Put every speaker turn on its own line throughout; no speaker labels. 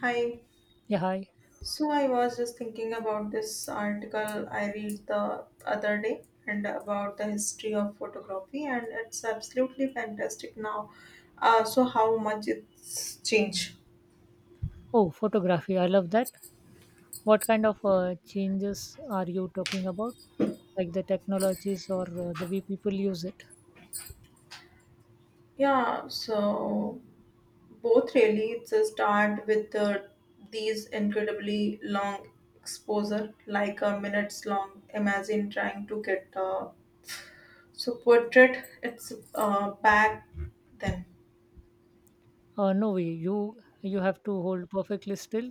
Hi.
Yeah, hi.
So I was just thinking about this article I read the other day and about the history of photography and it's absolutely fantastic now. So how much it's changed.
Oh, photography. I love that. What kind of changes are you talking about? Like the technologies or the way people use it?
Yeah, so both really it's a start with these incredibly long exposure like a minutes long. Imagine trying to get so portrait it's back then.
No way. You have to hold perfectly still.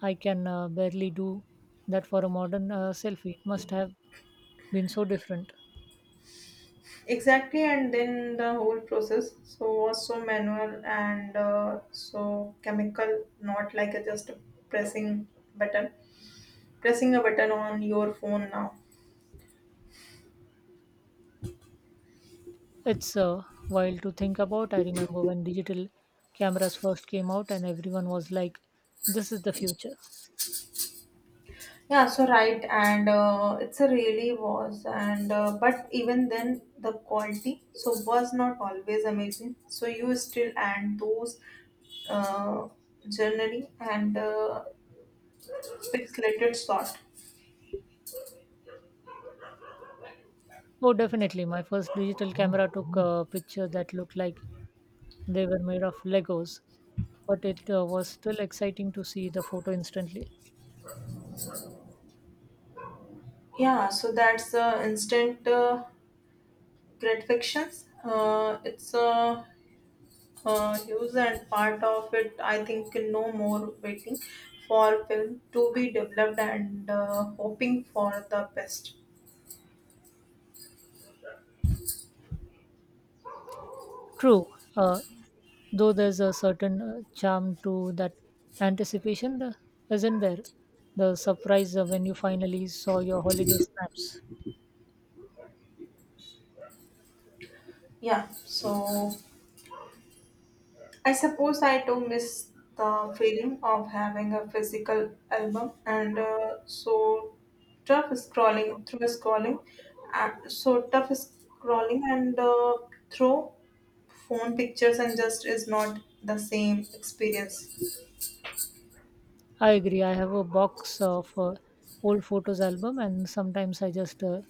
I can barely do that for a modern selfie. It must have been so different.
Exactly, and then the whole process so was so manual and so chemical, not like a just a pressing button, pressing a button on your phone now.
It's wild to think about. I remember when digital cameras first came out, and everyone was like, "This is the future."
Yeah, so right, and it's a really was, and but even then the quality so was not always amazing. So you still and those uh, journaling and pixelated sort.
Oh, definitely. My first digital camera took a picture that looked like they were made of Legos, but it was still exciting to see the photo instantly.
Yeah, so that's the instant. Great fictions. It's use and part of it. I think no more waiting for film to be developed and hoping for the best.
True, though there's a certain charm to that anticipation, isn't there? The surprise when you finally saw your holiday snaps.
Yeah. So I suppose I do miss the feeling of having a physical album and so tough scrolling through scrolling, tough scrolling and through phone pictures and just is not the same experience.
I agree. I have a box of old photos album, and sometimes I just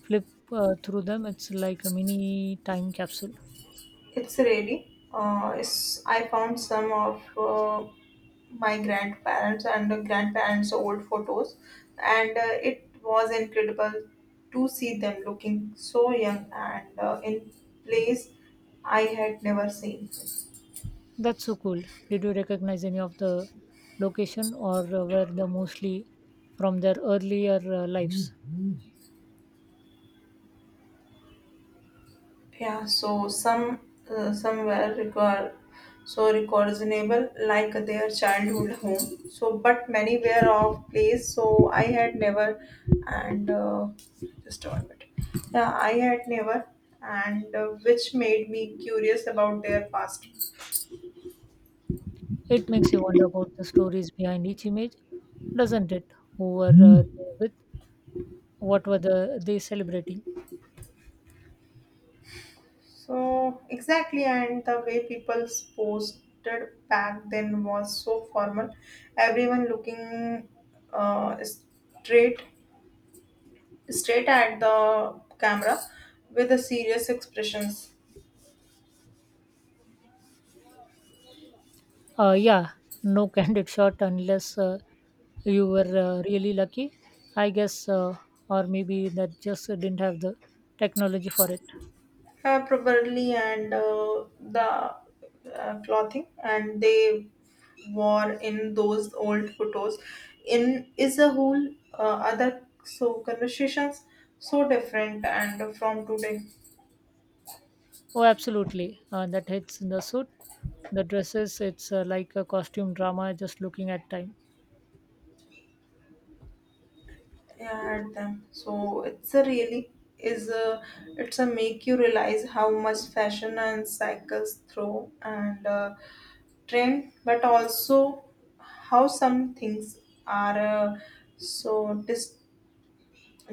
flip through them. It's like a mini time capsule.
It's really. I found some of my grandparents' old photos, and it was incredible to see them looking so young and in place I had never seen.
That's so cool. Did you recognize any of the location or were they mostly from their earlier lives?
Yeah, so some somewhere record so records enable like their childhood home. So, but many were of place. So I had never, and just one minute. Yeah, I had never, and which made me curious about their past.
It makes you wonder about the stories behind each image, doesn't it? Who were they with? What were they celebrating?
So exactly, and the way people posted back then was so formal. Everyone looking uh, straight straight at the camera with a serious expressions
Yeah, no candid shot unless you were really lucky, I guess, or maybe that just didn't have the technology for it.
probably and the clothing and they wore in those old photos in is a whole other so conversations so different and from today,
Oh, absolutely. That hits the suit, the dresses. It's like a costume drama just looking at time.
yeah, at them so it's a really is a it's a make you realize how much fashion and cycles through and trend but also how some things are so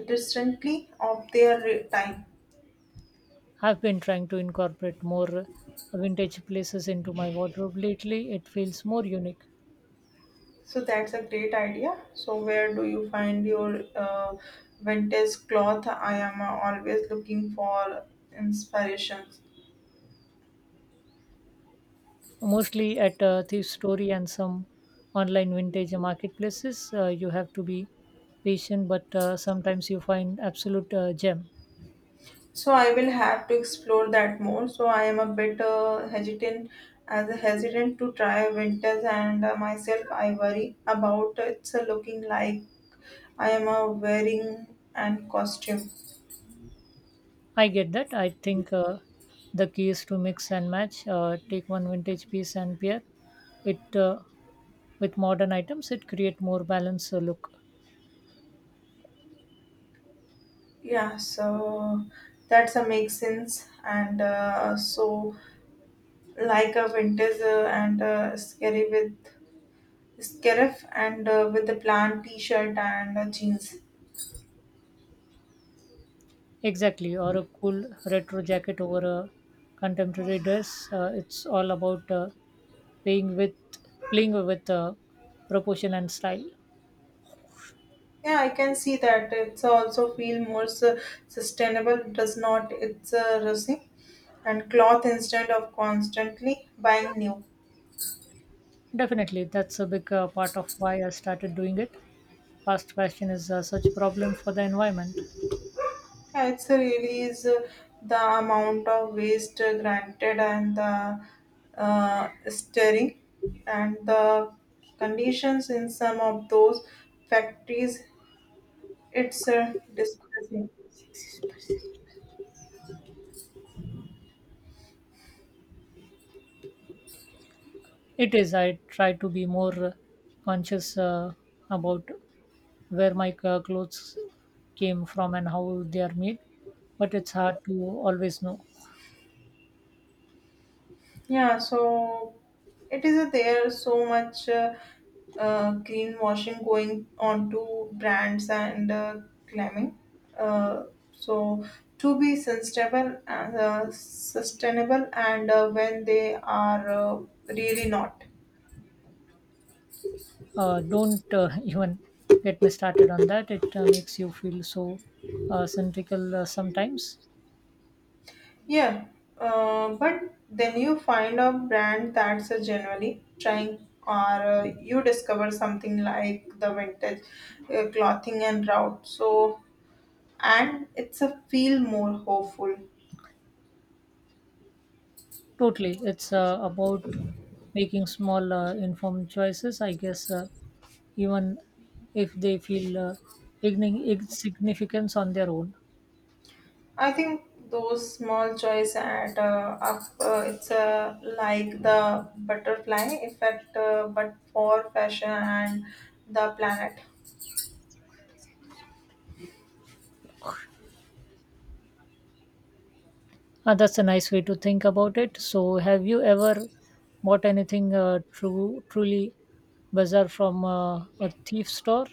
distantly of their time.
I've been trying to incorporate more vintage places into my wardrobe lately. It feels more unique.
So that's a great idea, so where do you find your vintage cloth? I am always looking for inspiration.
Mostly at Thief Story and some online vintage marketplaces. You have to be patient, but sometimes you find absolute gem.
So I will have to explore that more. So I am a bit hesitant to try winters, and myself I worry about it's looking like I am wearing and costume.
I get that. I think the key is to mix and match. Take one vintage piece and pair it with modern items it create more balanced look.
Yeah, so that's a make sense, and so like a winters and scary with scarf and with the plant t-shirt and jeans.
Exactly, or a cool retro jacket over a contemporary dress. Uh, it's all about playing with playing with proportion and style.
Yeah, I can see that. It's also feel more sustainable, does not? It's rusty and cloth instead of constantly buying new.
Definitely, that's a big part of why I started doing it. Fast fashion is such a problem for the environment.
Yeah, it's a really is the amount of waste granted and the stirring and the conditions in some of those factories. It's distressing.
It is. I try to be more conscious about where my clothes came from and how they are made, but it's hard to always know.
Yeah, so it is there so much greenwashing going on to brands and claiming. Uh, so to be sustainable and when they are really not.
Don't even get me started on that. It makes you feel so centrical sometimes.
Yeah, but then you find a brand that's generally trying, or you discover something like the vintage clothing and route. So and it's a feel more hopeful.
Totally. It's about making small informed choices, I guess, even if they feel insignificance on their own.
I think those small joys add up. It's like the butterfly effect, but for fashion and the planet.
Uh, that's a nice way to think about it. So have you ever bought anything true truly bizarre from a thief store?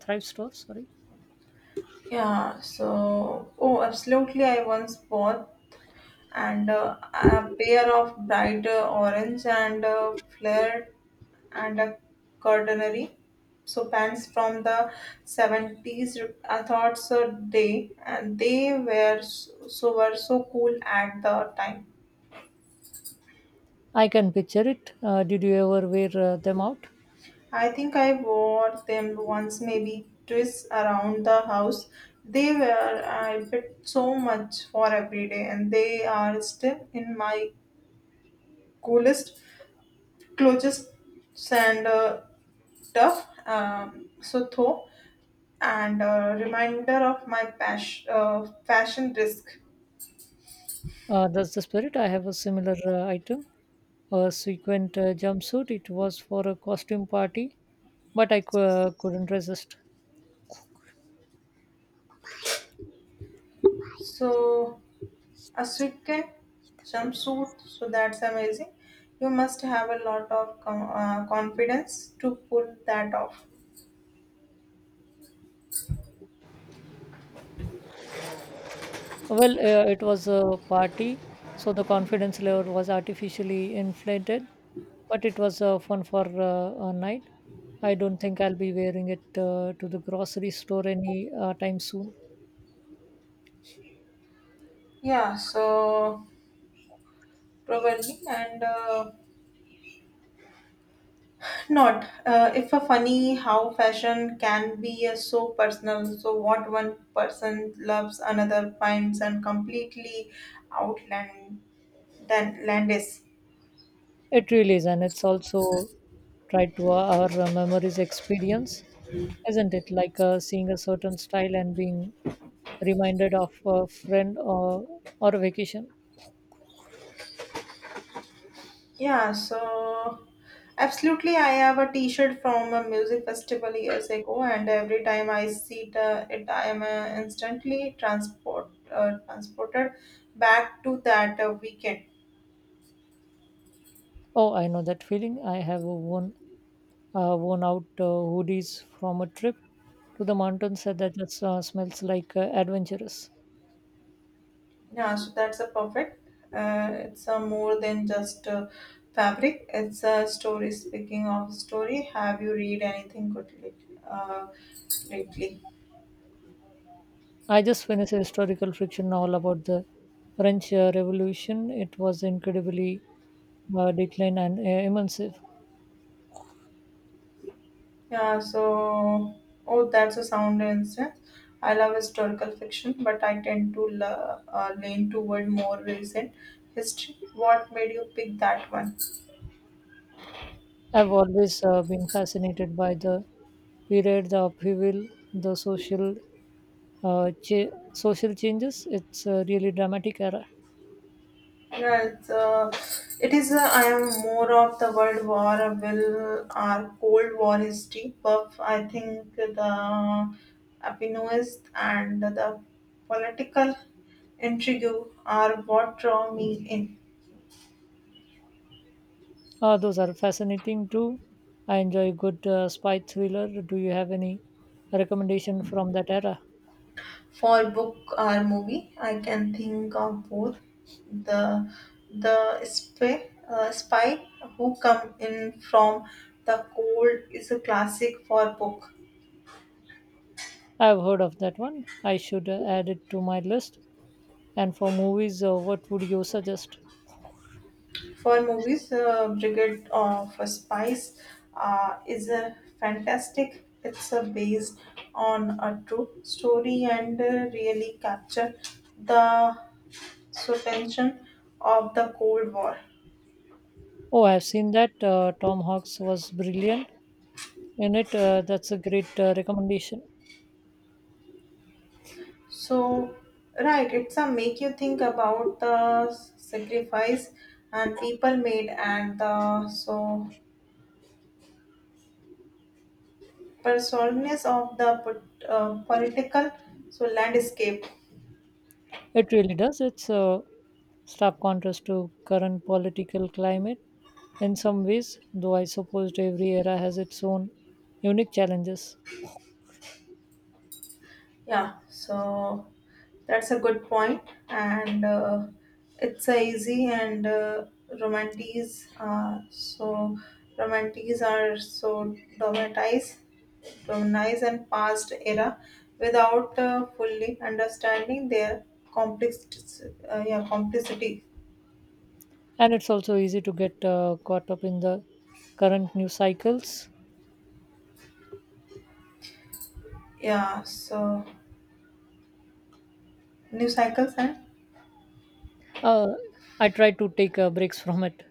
Thrive store, sorry.
Yeah, so, oh, absolutely. I once bought and a pair of bright orange and flared and a cordonary. So pants from the 70s, I thought so they and they were so, so were so cool at the time.
I can picture it. Did you ever wear them out?
I think I wore them once, maybe twice around the house. They were I bit so much for every day, and they are still in my coolest, closest, and tough so though, and a reminder of my fashion risk.
That's the spirit. I have a similar item, a sequined jumpsuit. It was for a costume party, but I couldn't resist.
So a suitcase jumpsuit, so that's amazing. You must have a lot of confidence to pull that off.
Well, it was a party, so the confidence level was artificially inflated, but it was fun for a night. I don't think I'll be wearing it to the grocery store any time soon.
Yeah, so probably and not if a funny how fashion can be so personal. So what one person loves, another finds and completely outland than Landis.
It really is, and it's also tied to our memories experience, isn't it? Like seeing a certain style and being reminded of a friend or a vacation.
Yeah, so absolutely, I have a T-shirt from a music festival years ago, and every time I see it, it I am instantly transport transported back to that weekend.
Oh, I know that feeling. I have worn out hoodies from a trip to the mountains that just, smells like adventurous.
Yeah, so that's a perfect. It's a more than just a fabric. It's a story. Speaking of story, have you read anything good lately?
I just finished a historical fiction novel about the French Revolution. It was incredibly declined and immersive.
Yeah. So, oh, that's a sound instance. I love historical fiction, but I tend to lean toward more recent history. What made you pick that one?
I've always been fascinated by the period, the upheaval, the social social changes. It's a really dramatic era.
Right. It is. I am more of the World War will our Cold War history buff. I think the happiness and the political intrigue are what draw me in.
Those are fascinating too. I enjoy good spy thriller. Do you have any recommendation from that era?
For book or movie, I can think of both. The the spy who come in from the cold is a classic for book.
I've heard of that one. I should add it to my list. And for movies, what would you suggest?
For movies, Brigade of Spies is a fantastic. It's based on a true story and really capture the so tension of the Cold War.
Oh, I've seen that. Tom Hanks was brilliant in it. That's a great recommendation.
So, right, it's a make you think about the sacrifice and people made and the so personalness of the political so landscape.
It really does. It's stark contrast to current political climate in some ways, though I suppose every era has its own unique challenges.
Yeah, so that's a good point, and it's a easy and romantics. Romantics are so dramatized and past era, without fully understanding their complex, yeah, complexity.
And it's also easy to get caught up in the current news cycles.
Yeah, so new cycles and
Uh, I try to take breaks from it.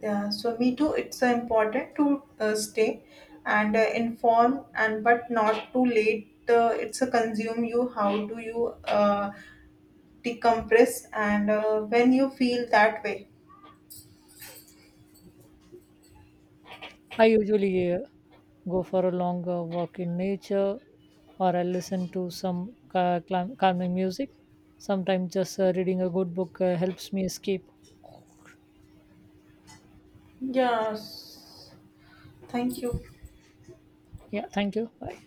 yeah, so me too. It's important to stay and informed, and but not too late. It's a consume you. How do you decompress and when you feel that way?
I usually go for a long walk in nature or I listen to some calming music. Sometimes just reading a good book helps me escape.
Yes. Thank you.
Yeah, thank you. Bye.